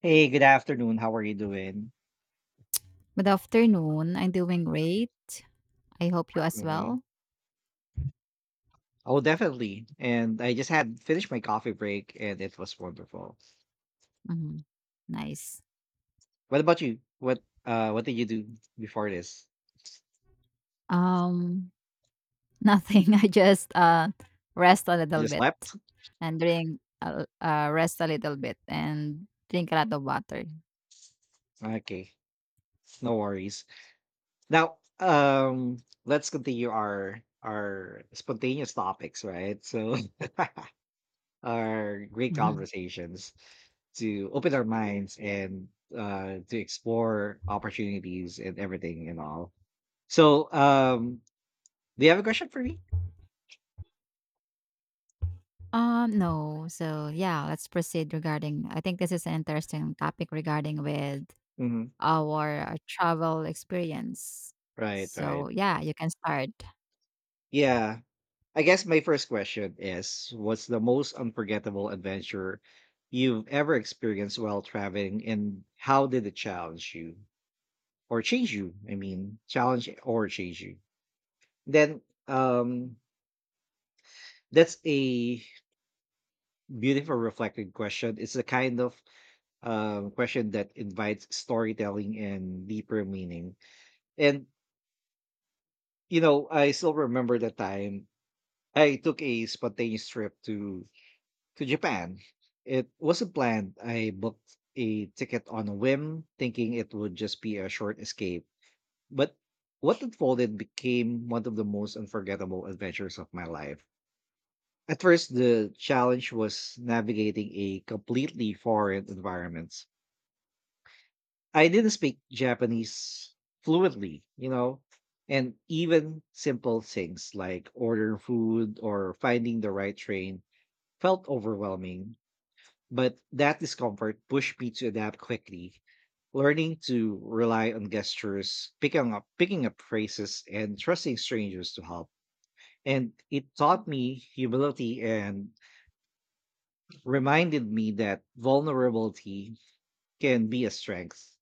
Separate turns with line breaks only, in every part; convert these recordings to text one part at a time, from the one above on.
Hey, good afternoon. How are you doing?
Good afternoon. I'm doing great. I hope you as
Mhm.
well.
Oh, definitely. And I just had finished my coffee break, and it was wonderful.
Mhm. Nice.
What about you? What did you do before this?
Um, nothing. I just rest a
You
little
just
bit
slept?
and drink rest a little bit and drink a lot of water.
Okay, no worries. Now, let's continue our spontaneous topics, right? So, our great
Mhm.
conversations to open our minds and to explore opportunities and everything and all. So, do you have a question for me?
No. So yeah, let's proceed regarding. I think this is an interesting topic regarding with
hmm
our travel experience.
Right, right.
So yeah, you can start.
Yeah. I guess my first question is, what's the most unforgettable adventure you've ever experienced while traveling, and how did it challenge you or change you? I mean, challenge or change you. Then um that's a beautiful reflective question. It's the kind of question that invites storytelling and deeper meaning. And you know, I still remember the time I took a spontaneous trip to Japan. It wasn't planned. I booked a ticket on a whim, thinking it would just be a short escape. But what unfolded became one of the most unforgettable adventures of my life. At first, the challenge was navigating a completely foreign environment. I didn't speak Japanese fluently, you know, and even simple things like ordering food or finding the right train felt overwhelming, but that discomfort pushed me to adapt quickly, learning to rely on gestures, picking up phrases, and trusting strangers to help. And it taught me humility and reminded me that vulnerability can be a strength.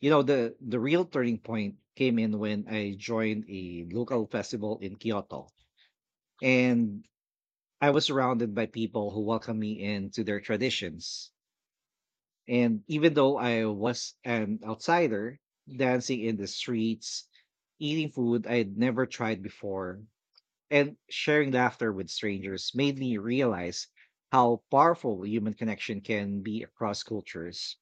You know, the real turning point came in when I joined a local festival in Kyoto. And I was surrounded by people who welcomed me into their traditions. And even though I was an outsider, dancing in the streets, eating food I had never tried before, and sharing laughter with strangers made me realize how powerful human connection can be across cultures.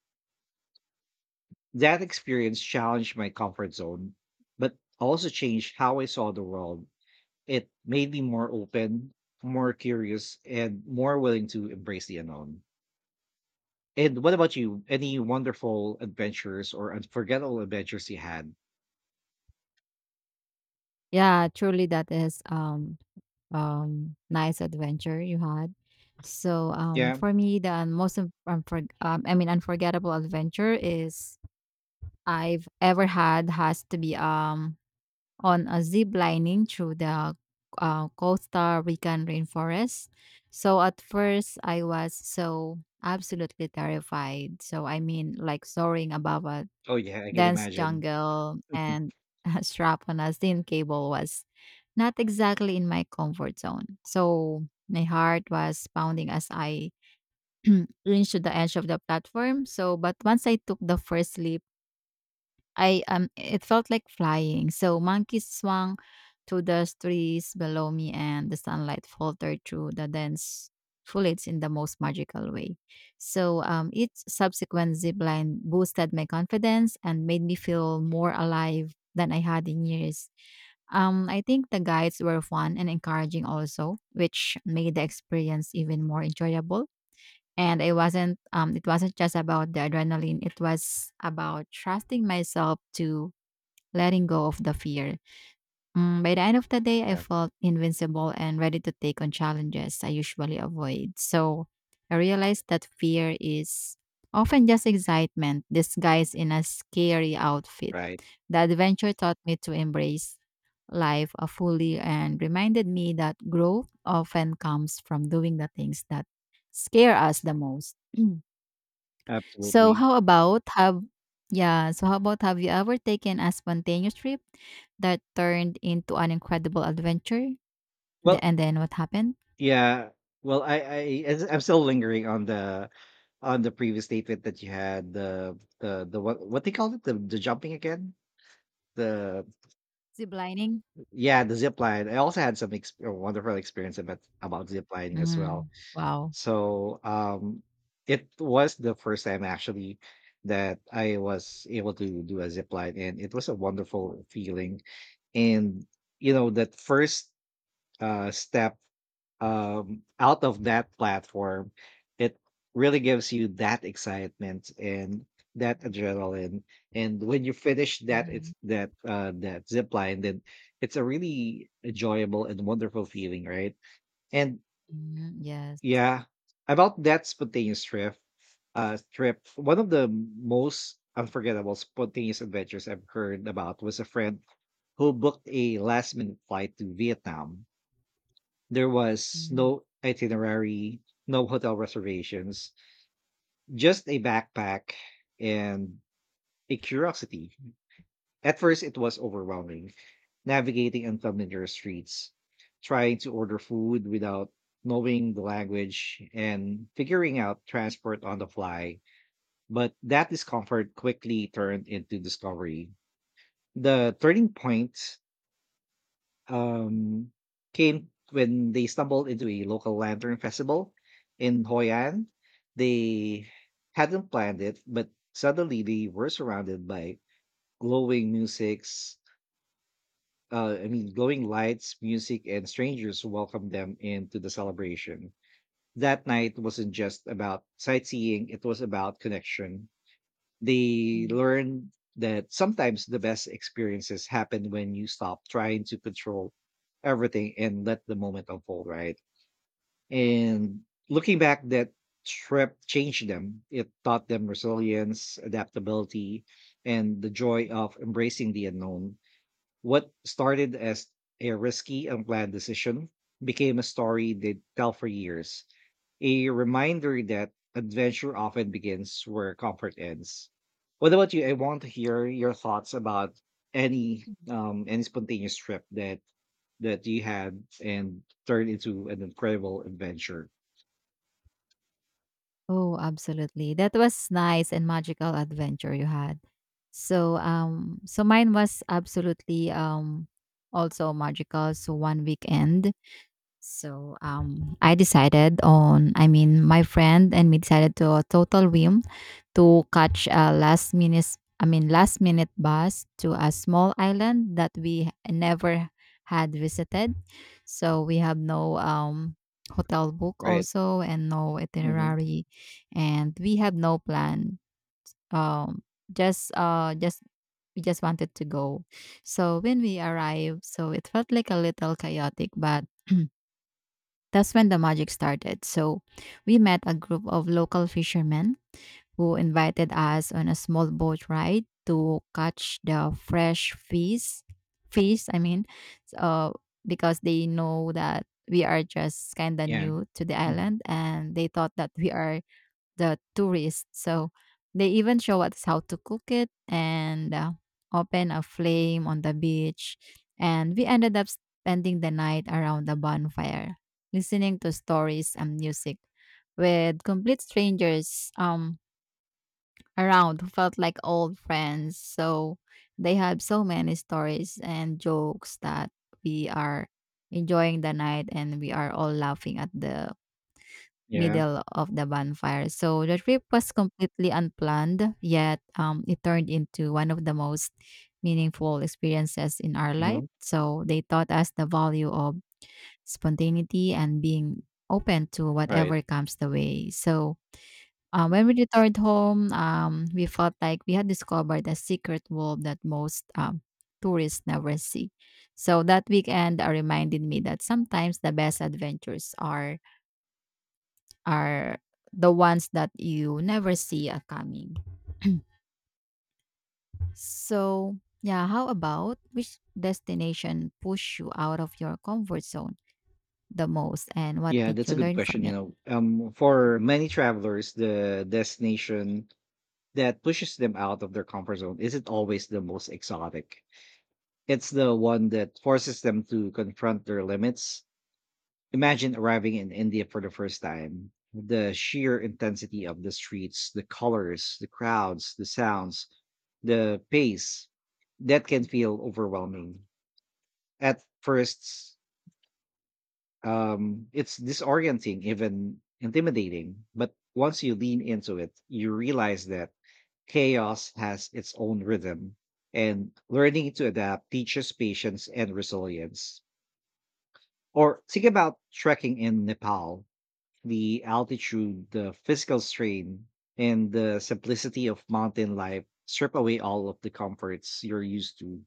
That experience challenged my comfort zone, but also changed how I saw the world. It made me more open, more curious, and more willing to embrace the unknown. And what about you? Any wonderful adventures or unforgettable adventures you had?
Yeah, truly that is nice adventure you had.
Yeah.
For me, the most un- unfor- I mean unforgettable adventure is I've ever had has to be on a zip lining through the Costa Rican rainforest. So at first, I was so absolutely terrified. So I mean, like soaring above a
Oh, yeah. I can
dense
imagine.
jungle and a strap on a thin cable was not exactly in my comfort zone. So my heart was pounding as I reached the edge of the platform. So, but once I took the first leap, I it felt like flying. So monkeys swung to the trees below me and the sunlight filtered through the dense foliage in the most magical way. Each subsequent zip line boosted my confidence and made me feel more alive than I had in years. I think the guides were fun and encouraging also, which made the experience even more enjoyable and I wasn't it wasn't just about the adrenaline, it was about trusting myself to letting go of the fear. Mm, by the end of the day, I
Yeah.
felt invincible and ready to take on challenges I usually avoid. So I realized that fear is often just excitement disguised in a scary outfit.
Right.
The adventure taught me to embrace life fully and reminded me that growth often comes from doing the things that scare us the most. So
Absolutely.
how about have yeah, so how about have you ever taken a spontaneous trip that turned into an incredible adventure? The,
Well,
and then what happened?
yeah. Well, I'm still lingering on the previous statement that you had, the what they called it, the jumping again, the
Zip lining.
yeah, the zip line. I also had a wonderful experience about zip lining as well.
Mm, wow.
So it was the first time actually that I was able to do a zip line, and it was a wonderful feeling. And you know, that first step out of that platform, it really gives you that excitement and that adrenaline. And when you finish that, it's
Hmm,
that zip line, then it's a really enjoyable and wonderful feeling, right? And
yes.
yeah. About that spontaneous trip, one of the most unforgettable spontaneous adventures I've heard about was a friend who booked a last minute flight to Vietnam. There was
Mhm.
no itinerary, no hotel reservations, just a backpack and a curiosity. At first, it was overwhelming, navigating unfamiliar streets, trying to order food without knowing the language, and figuring out transport on the fly. But that discomfort quickly turned into discovery. The turning point um, came when they stumbled into a local lantern festival in Hoi An. They hadn't planned it, but suddenly they were surrounded by glowing musics, I mean, glowing lights, music, and strangers welcomed them into the celebration. That night wasn't just about sightseeing, it was about connection. They
Mm.
learned that sometimes the best experiences happen when you stop trying to control everything and let the moment unfold, right? And looking back, that trip changed them. It taught them resilience, adaptability, and the joy of embracing the unknown. What started as a risky, unplanned decision became a story they tell for years, a reminder that adventure often begins where comfort ends. What about you? I want to hear your thoughts about any spontaneous trip that that you had and turned into an incredible adventure.
Oh, absolutely. That was nice and magical adventure you had. So mine was absolutely also magical. So one weekend. So, I mean, my friend and me decided to a total whim to catch I mean, last minute bus to a small island that we never had visited. So we have no hotel book
Right.
also and no
Hmm.
itinerary, and we have no plan. Um, just we just wanted to go. So when we arrived, so it felt like a little chaotic, but that's when the magic started. So we met a group of local fishermen who invited us on a small boat ride to catch the fresh fish. Fish, I mean, uh, because they know that we are just kind of
Yeah.
new to the
Mhm.
island and they thought that we are the tourists. So they even show us how to cook it and open a flame on the beach. And we ended up spending the night around the bonfire, listening to stories and music with complete strangers around who felt like old friends. So they had so many stories and jokes that we are enjoying the night and we are all laughing at the
Yeah.
middle of the bonfire. So the trip was completely unplanned, yet it turned into one of the most meaningful experiences in our life.
Hmm.
So they taught us the value of spontaneity and being open to
Right.
whatever comes the way. So when we returned home, we felt like we had discovered a secret world that most tourists never see. So that weekend reminded me that sometimes the best adventures are are the ones that you never see a coming. So, yeah, how about which destination pushed you out of your comfort zone the most and what
Yeah,
did
that's
you
a good
learn
question.
from
You
it?
know, for many travelers, the destination that pushes them out of their comfort zone isn't always the most exotic. It's the one that forces them to confront their limits. Imagine arriving in India for the first time. The sheer intensity of the streets, the colors, the crowds, the sounds, the pace, that can feel overwhelming. At first, it's disorienting, even intimidating. But once you lean into it, you realize that chaos has its own rhythm, and learning to adapt teaches patience and resilience. Or think about trekking in Nepal, the altitude, the physical strain, and the simplicity of mountain life strip away all of the comforts you're used to.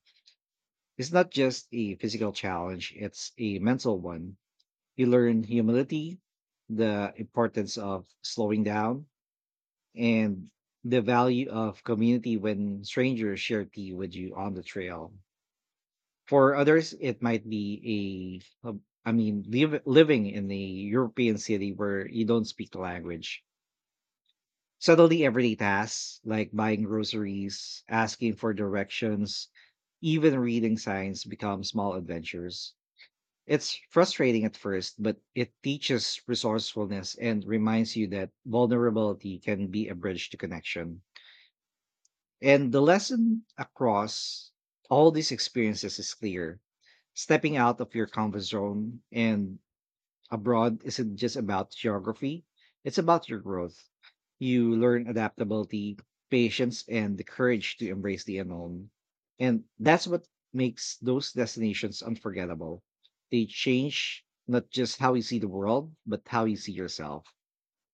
It's not just a physical challenge, it's a mental one. You learn humility, the importance of slowing down, and the value of community when strangers share tea with you on the trail. For others, it might be I mean, living in a European city where you don't speak the language. Suddenly, everyday tasks like buying groceries, asking for directions, even reading signs become small adventures. It's frustrating at first, but it teaches resourcefulness and reminds you that vulnerability can be a bridge to connection. And the lesson across all these experiences is clear. Stepping out of your comfort zone and abroad isn't just about geography, it's about your growth. You learn adaptability, patience, and the courage to embrace the unknown. And that's what makes those destinations unforgettable. They change not just how you see the world, but how you see yourself.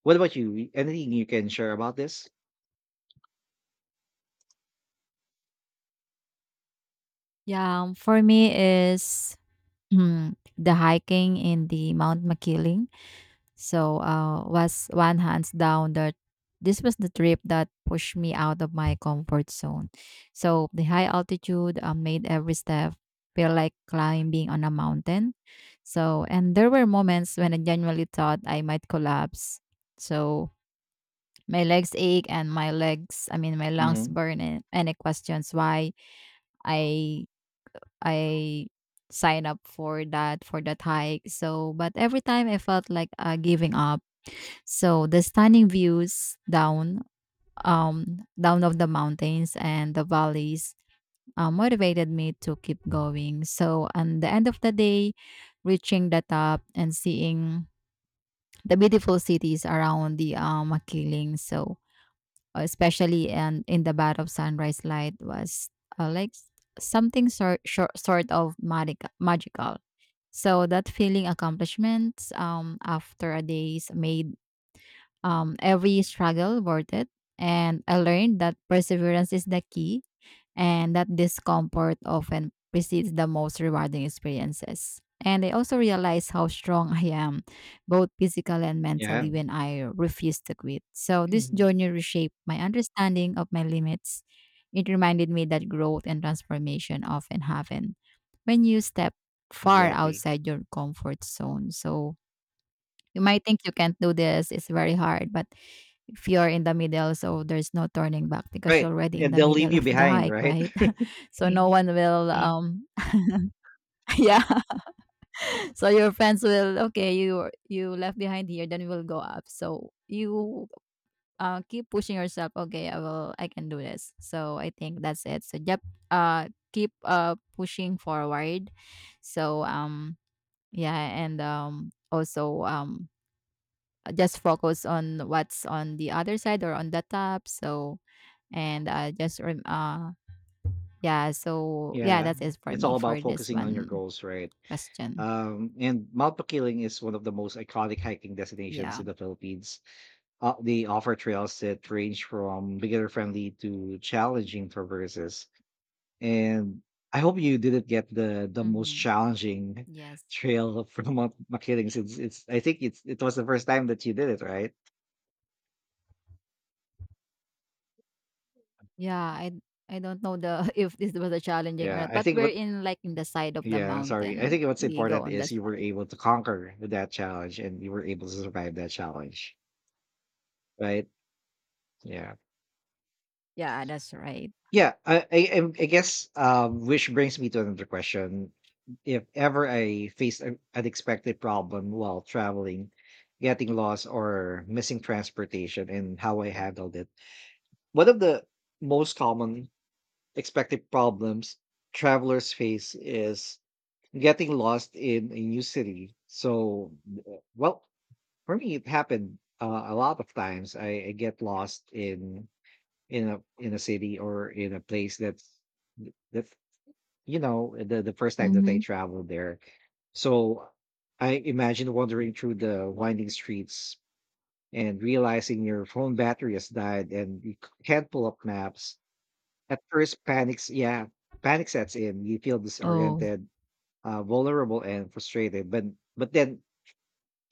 What about you? Anything you can share about this?
Yeah, for me is hmm, the hiking in the Mount Makiling. So was one hands down that this was the trip that pushed me out of my comfort zone. So the high altitude made every step feel like climbing on a mountain. So and there were moments when I genuinely thought I might collapse. So my legs ache and I mean my lungs
Hmm.
burn. And any questions why I I sign up for that hike. So but every time I felt like giving up so the stunning views down of the mountains and the valleys motivated me to keep going. So on the end of the day, reaching the top and seeing the beautiful cities around the Makiling. So especially and in the bath of sunrise light was uh, like something sort of magical. So that feeling accomplishment after a days made every struggle worth it. And I learned that perseverance is the key and that discomfort often precedes the most rewarding experiences. And I also realized how strong I am, both physically and
Yeah.
mentally, when I refuse to quit. So this journey reshaped my understanding of my limits. It reminded me that growth and transformation often happen when you step far
Exactly.
outside your comfort zone. So you might think you can't do this, it's very hard, but if you're in the middle, so there's no turning back because you're
Right,
already in
and
the
they'll leave
middle
you
of the
behind,
hike,
right?
right? So no one will yeah. So your friends will okay, you left behind here, then we'll go up. So you keep pushing yourself, okay, I can do this. So I think that's it. So yep, keep pushing forward. So yeah, and also just focus on what's on the other side or on the top. So and yeah. So yeah,
Yeah,
that's it for
it's
me
all about
for this
focusing on your
one
goals, right?
question.
And Mount Pakiling is one of the most iconic hiking destinations
Yeah.
in the Philippines. They offer trails that range from beginner-friendly to challenging traverses. And I hope you didn't get the most
Hmm.
challenging
Yes.
trail from Mount Makiling, since it's I think it's it was the first time that you did it, right?
Yeah. I don't know the if this was a challenging or
Yeah,
not,
I
but
think
we're
what.
in like in the side of the
Yeah, sorry. I
mountain.
think what's
We go
important
on the
is you were
side.
able to conquer that challenge and you were able to survive that challenge, right? Yeah.
Yeah, that's right.
Yeah, I guess which brings me to another question. If ever I faced an unexpected problem while traveling, getting lost or missing transportation, and how I handled it. One of the most common expected problems travelers face is getting lost in a new city. So, well, for me, it happened a lot of times. I get lost in in a city or in a place that's that you know the first time that I
Mm-hmm.
traveled there. So I imagine wandering through the winding streets and realizing your phone battery has died and can't pull up maps. At first, panic sets in. You feel
Oh,
disoriented, vulnerable, and frustrated. But then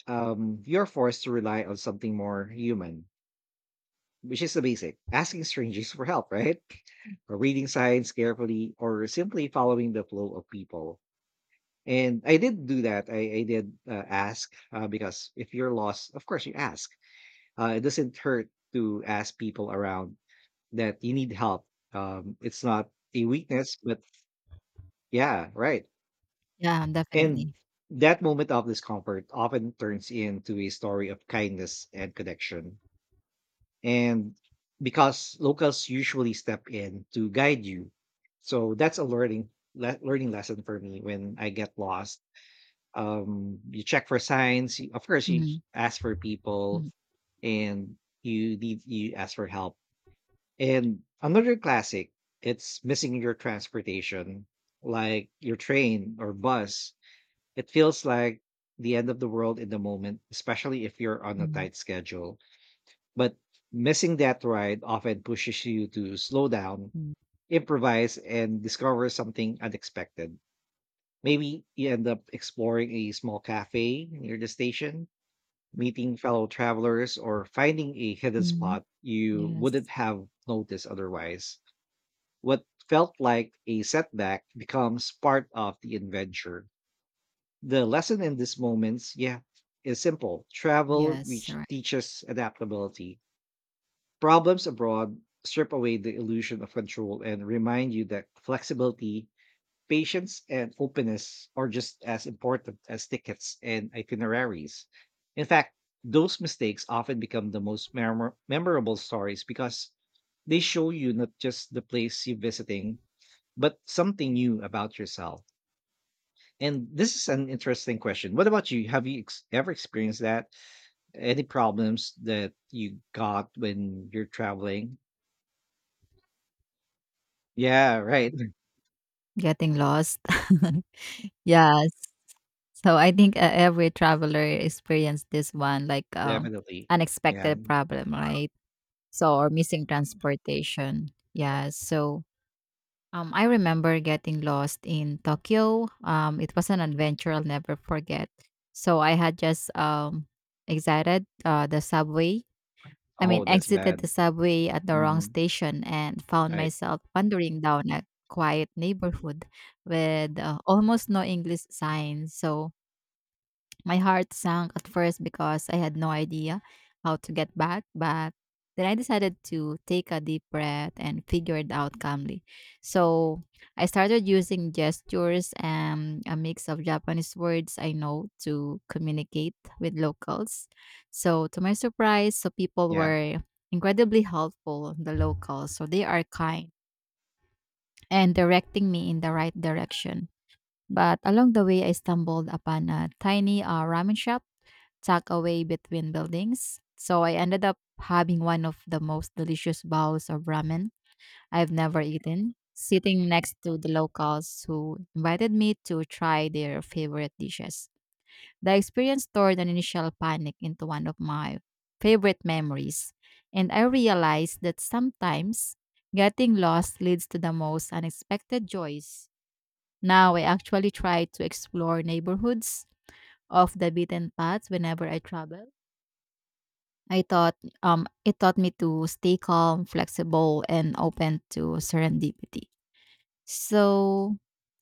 you're forced to rely on something more human, which is the basic asking strangers for help, right? Or reading signs carefully or simply following the flow of people. And I did do that. I did ask because if you're lost, of course you ask. It doesn't hurt to ask people around that you need help. It's not a weakness, but yeah, right.
yeah,
And
definitely.
that moment of discomfort often turns into a story of kindness and connection, and because locals usually step in to guide you. So that's a learning learning lesson for me. When I get lost, um, you check for signs, you- of course you
Mm-hmm.
ask for people, and you need, you ask for help. And another classic, it's missing your transportation, like your train or bus. It feels like the end of the world in the moment, especially if you're on a
Mm-hmm.
tight schedule. But missing that ride often pushes you to slow down, improvise, and discover something unexpected. Maybe you end up exploring a small cafe near the station, meeting fellow travelers, or finding a hidden
Mm-hmm.
spot you wouldn't
Yes.
have noticed otherwise. What felt like a setback becomes part of the adventure. The lesson in these moments, yeah, is simple. Travel,
Yes.
which
Right.
teaches adaptability. Problems abroad strip away the illusion of control and remind you that flexibility, patience, and openness are just as important as tickets and itineraries. In fact, those mistakes often become the most memorable stories because they show you not just the place you're visiting, but something new about yourself. And this is an interesting question. What about you? Have ever experienced that? Any problems that you got when you're traveling? Yeah, right.
Getting lost. Yes. So I think every traveler experienced this one, like
Definitely. Yeah.
unexpected problem, right? So or missing transportation. Yeah. So I remember getting lost in Tokyo. It was an adventure I'll never forget. So I had just exited the subway. I
Oh,
mean,
that's
exited the
bad.
subway at the wrong
Mhm.
station and found
Right.
myself wandering down a quiet neighborhood with almost no English signs. So my heart sank at first because I had no idea how to get back, but then I decided to take a deep breath and figure it out calmly. So I started using gestures and a mix of Japanese words I know to communicate with locals. So to my surprise, so people
Yeah.
were incredibly helpful, the locals. So they are kind and directing me in the right direction. But along the way, I stumbled upon a tiny ramen shop tucked away between buildings. So I ended up having one of the most delicious bowls of ramen I've never eaten, sitting next to the locals who invited me to try their favorite dishes. The experience turned an initial panic into one of my favorite memories, and I realized that sometimes getting lost leads to the most unexpected joys. Now I actually try to explore neighborhoods off the beaten paths whenever I travel. I thought it taught me to stay calm, flexible, and open to serendipity. So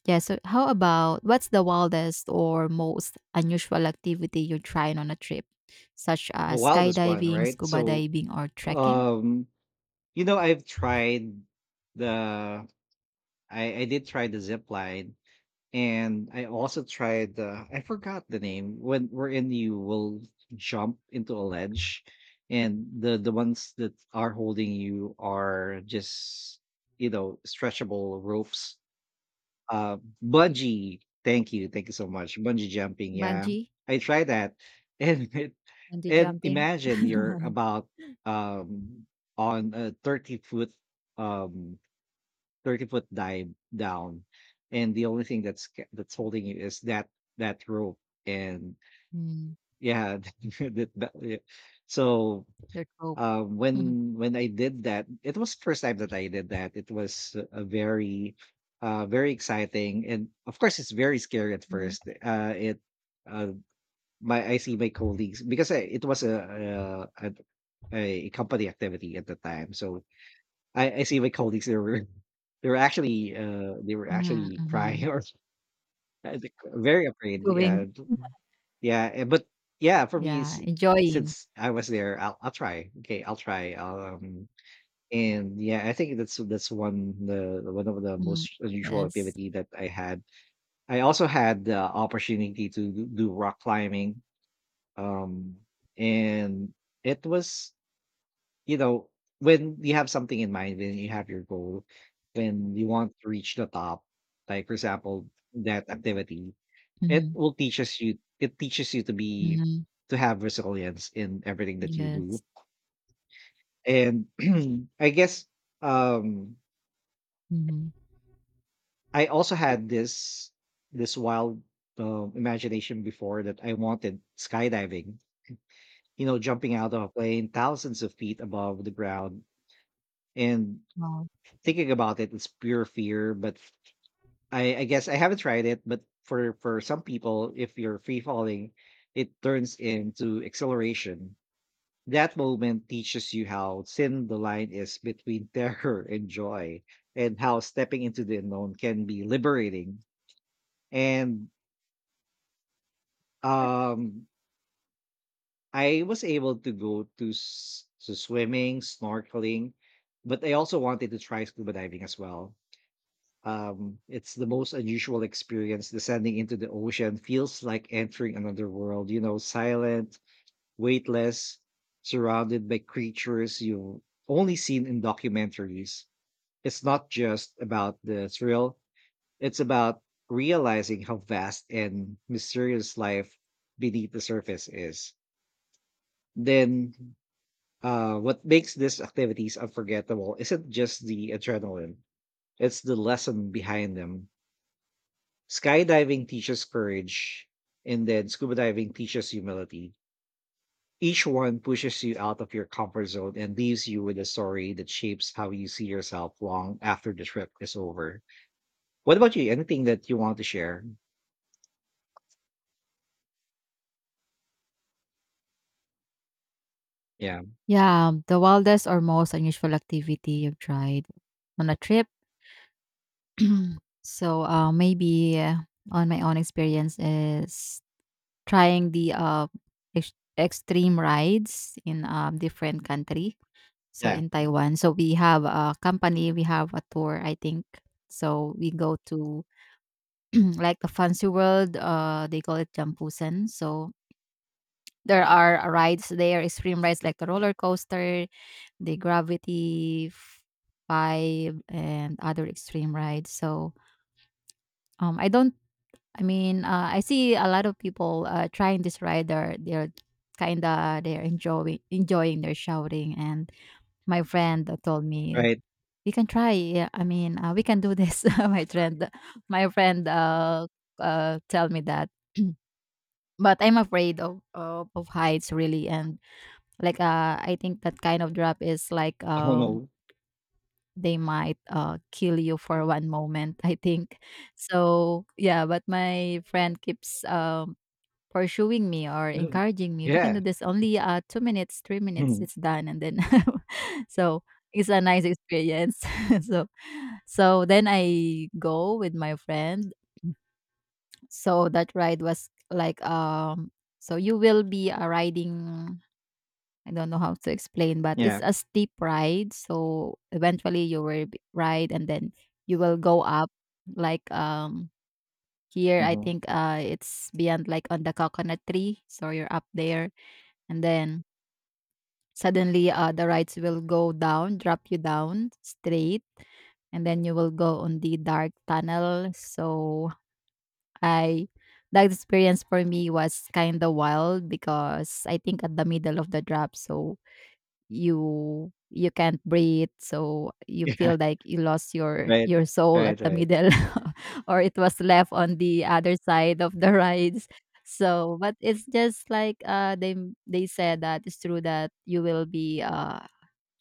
yeah, so how about what's the wildest or most unusual activity you tried on a trip, such
The
as
wildest one,
skydiving,
right?
scuba
So,
diving, or trekking?
um, I've tried the, I did try the zip line, and I also tried the, I forgot the name, when wherein you will jump into a ledge, and the ones that are holding you are just, you know, stretchable ropes. Uh, Bungee. Thank you so much. Bungee jumping, yeah.
Bungee,
I tried that, and it
bungee
and
jumping.
imagine you're about um on a 30 foot, um 30-foot dive down, and the only thing that's that's holding you is that rope, and
Mm,
yeah, that, yeah. So,
dirt rope.
when I did that, it was the first time that I did that. It was a very, very exciting, and of course, it's very scary at
Mm,
first. Uh, my I see my colleagues because it was a company activity at the time. So I see my colleagues. They were they were actually
mm-hmm.
crying or, I think, very afraid.
Doing.
Yeah, yeah, eh, but yeah, for me,
Yeah, enjoying.
since I was there, I'll try. Okay, I'll try. And yeah, I think that's one of the
Mm,
most unusual
yes.
activity that I had. I also had the opportunity to do rock climbing. Um, and it was, you know, when you have something in mind, when you have your goal, when you want to reach the top, like, for example, that activity,
Mm-hmm.
it teaches you to be,
Mm-hmm.
to have resilience in everything that you
Yes.
do. And I guess, um
Mm-hmm.
I also had this, this wild, imagination before that I wanted skydiving. You know, jumping out of a plane thousands of feet above the ground. And
Wow.
thinking about it, it's pure fear. But I guess I haven't tried it. But for some people, if you're free falling, it turns into acceleration. That moment teaches you how thin the line is between terror and joy, and how stepping into the unknown can be liberating. And Um, I was able to go to s to swimming, snorkeling, but I also wanted to try scuba diving as well. It's the most unusual experience. Descending into the ocean feels like entering another world, you know, silent, weightless, surrounded by creatures you've only seen in documentaries. It's not just about the thrill, it's about realizing how vast and mysterious life beneath the surface is. Then, what makes these activities unforgettable isn't just the adrenaline, it's the lesson behind them. Skydiving teaches courage, and then scuba diving teaches humility. Each one pushes you out of your comfort zone and leaves you with a story that shapes how you see yourself long after the trip is over. What about you? Anything that you want to share? Yeah.
Yeah, the wildest or most unusual activity you've tried on a trip. So maybe on my own experience is trying the ex- extreme rides in a different country. So
Yeah.
in Taiwan, so we have a company, we have a tour, I think. So we go to like the fancy world. They call it Jampusan. So there are rides there, extreme rides like the roller coaster, the Gravity f- 5 and other extreme rides. So I don't, I mean, I see a lot of people trying this ride. They're kind of, they're enjoying. They're shouting. And my friend told me,
Right.
we can try. Yeah, I mean, we can do this. My friend tell me that. But I'm afraid of heights really and like I think that kind of drop is like
Oh
um
no.
they might kill you for one moment, I think. So, yeah, but my friend keeps pursuing me or
Mhm.
encouraging me. We can
Yeah.
do this only two minutes, three minutes,
Mhm.
it's done. And then, so it's a nice experience. So, so then I go with my friend. So that ride was like, so you will be riding. I don't know how to explain, but
Yeah.
it's a steep ride. So eventually you will ride and then you will go up like here I
Hmm.
think it's beyond like on the coconut tree. So you're up there and then suddenly the rides will go down, drop you down straight and then you will go on the dark tunnel. So I that experience for me was kind of wild because I think at the middle of the drop, so you can't breathe so you
Yeah.
feel like you lost your
Right.
your soul at
Right.
the
Right.
middle or it was left on the other side of the rides. So but it's just like they said that it's true that you will be uh,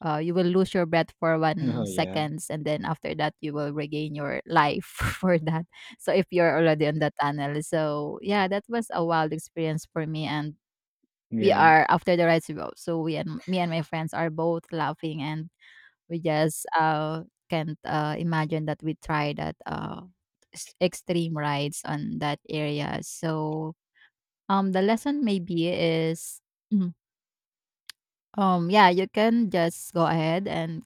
uh you will lose your breath for one
Oh yeah.
seconds and then after that you will regain your life for that. So if you're already in the tunnel, so yeah, that was a wild experience for me. And we
Yeah.
are after the rides we go, so we and me and my friends are both laughing and we just can't imagine that we try that extreme rides on that area. So the lesson maybe is mhm. Um, yeah, you can just go ahead and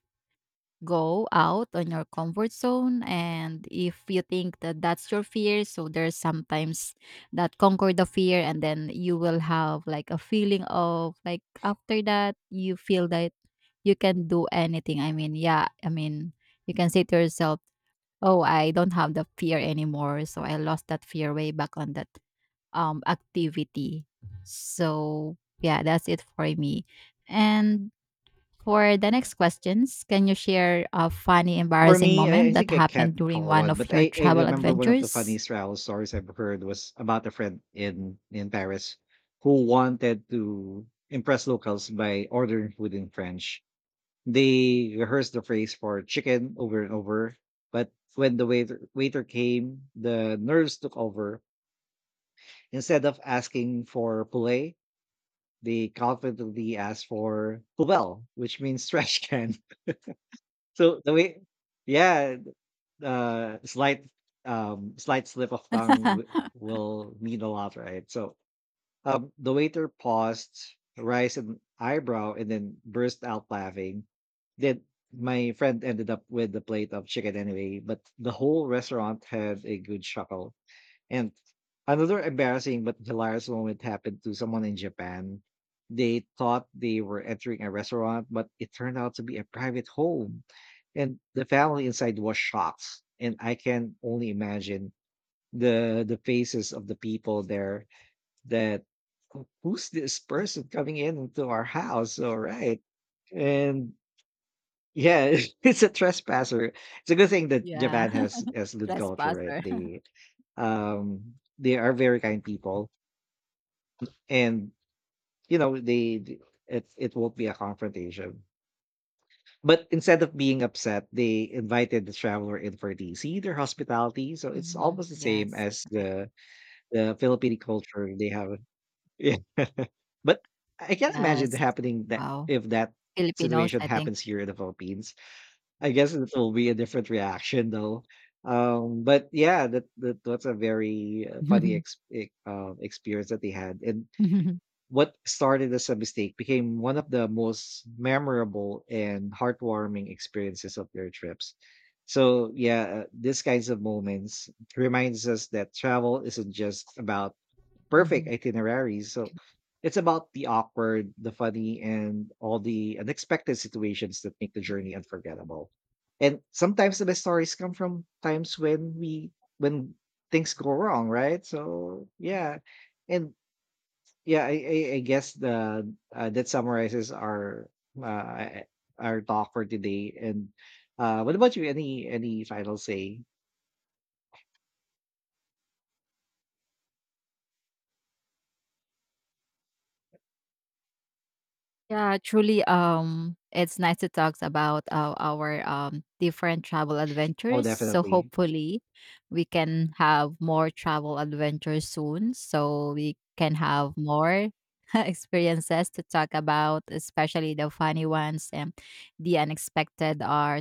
go out on your comfort zone, and if you think that that's your fear, so there's sometimes that conquer the fear and then you will have like a feeling of like after that you feel that you can do anything. I mean, yeah, I mean, you can say to yourself, oh, I don't have the fear anymore, so I lost that fear way back on that activity. So yeah, that's it for me. And for the next questions, can you share a funny,
For
embarrassing
me,
moment
I
that
think I can't
happened during
recall
one
one,
of
but
your
I
travel
remember one of the
adventures?
funniest travel stories I've heard was about a friend in Paris, who wanted to impress locals by ordering food in French. They rehearsed the phrase for chicken over and over, but when the waiter came, the nerves took over. Instead of asking for poulet, they confidently asked for poubelle, which means trash can. So the way, yeah, uh, slight, slight slip of tongue will mean a lot, right? So the waiter paused, raised an eyebrow, and then burst out laughing. Then my friend ended up with the plate of chicken anyway, but the whole restaurant had a good chuckle. And another embarrassing but hilarious moment happened to someone in Japan. They thought they were entering a restaurant, but it turned out to be a private home. And the family inside was shocked. And I can only imagine the faces of the people there. That, " who's this person coming in into our house?" All right. And yeah, it's a trespasser. It's a good thing that
Yeah,
Japan has good culture, right?
trespasser.
They, they are very kind people, and, you know, it won't be a confrontation. But instead of being upset, they invited the traveler in for tea. See their hospitality, so it's
Hmm.
almost the same
Yes,
as
right.
the Filipino culture they have. Yeah, but I can't imagine it
Yes.
happening, that
Wow,
if that
Filipinos,
situation
I think.
happens here in the Philippines. I guess it will be a different reaction though. But yeah, that's a very, funny experience that they had. And what started as a mistake became one of the most memorable and heartwarming experiences of their trips. So, yeah, these kinds of moments reminds us that travel isn't just about perfect
Mhm.
itineraries. So, it's about the awkward, the funny, and all the unexpected situations that make the journey unforgettable. And sometimes the best stories come from times when we when things go wrong, right? So, yeah. And yeah, I guess the that summarizes our, uh, our talk for today. And uh, what about you? Any final say?
Yeah, truly, it's nice to talk about our different travel
Oh,
adventures. So
definitely.
hopefully, we can have more travel adventures soon. So we can have more experiences to talk about, especially the funny ones and the unexpected or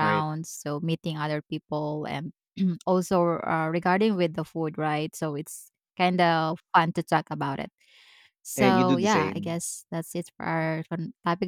Right.
So meeting other people and also regarding with the food, right? So it's kind of fun to talk about it.
And you do
So,
the
yeah, I
same.
guess that's it for our con- topic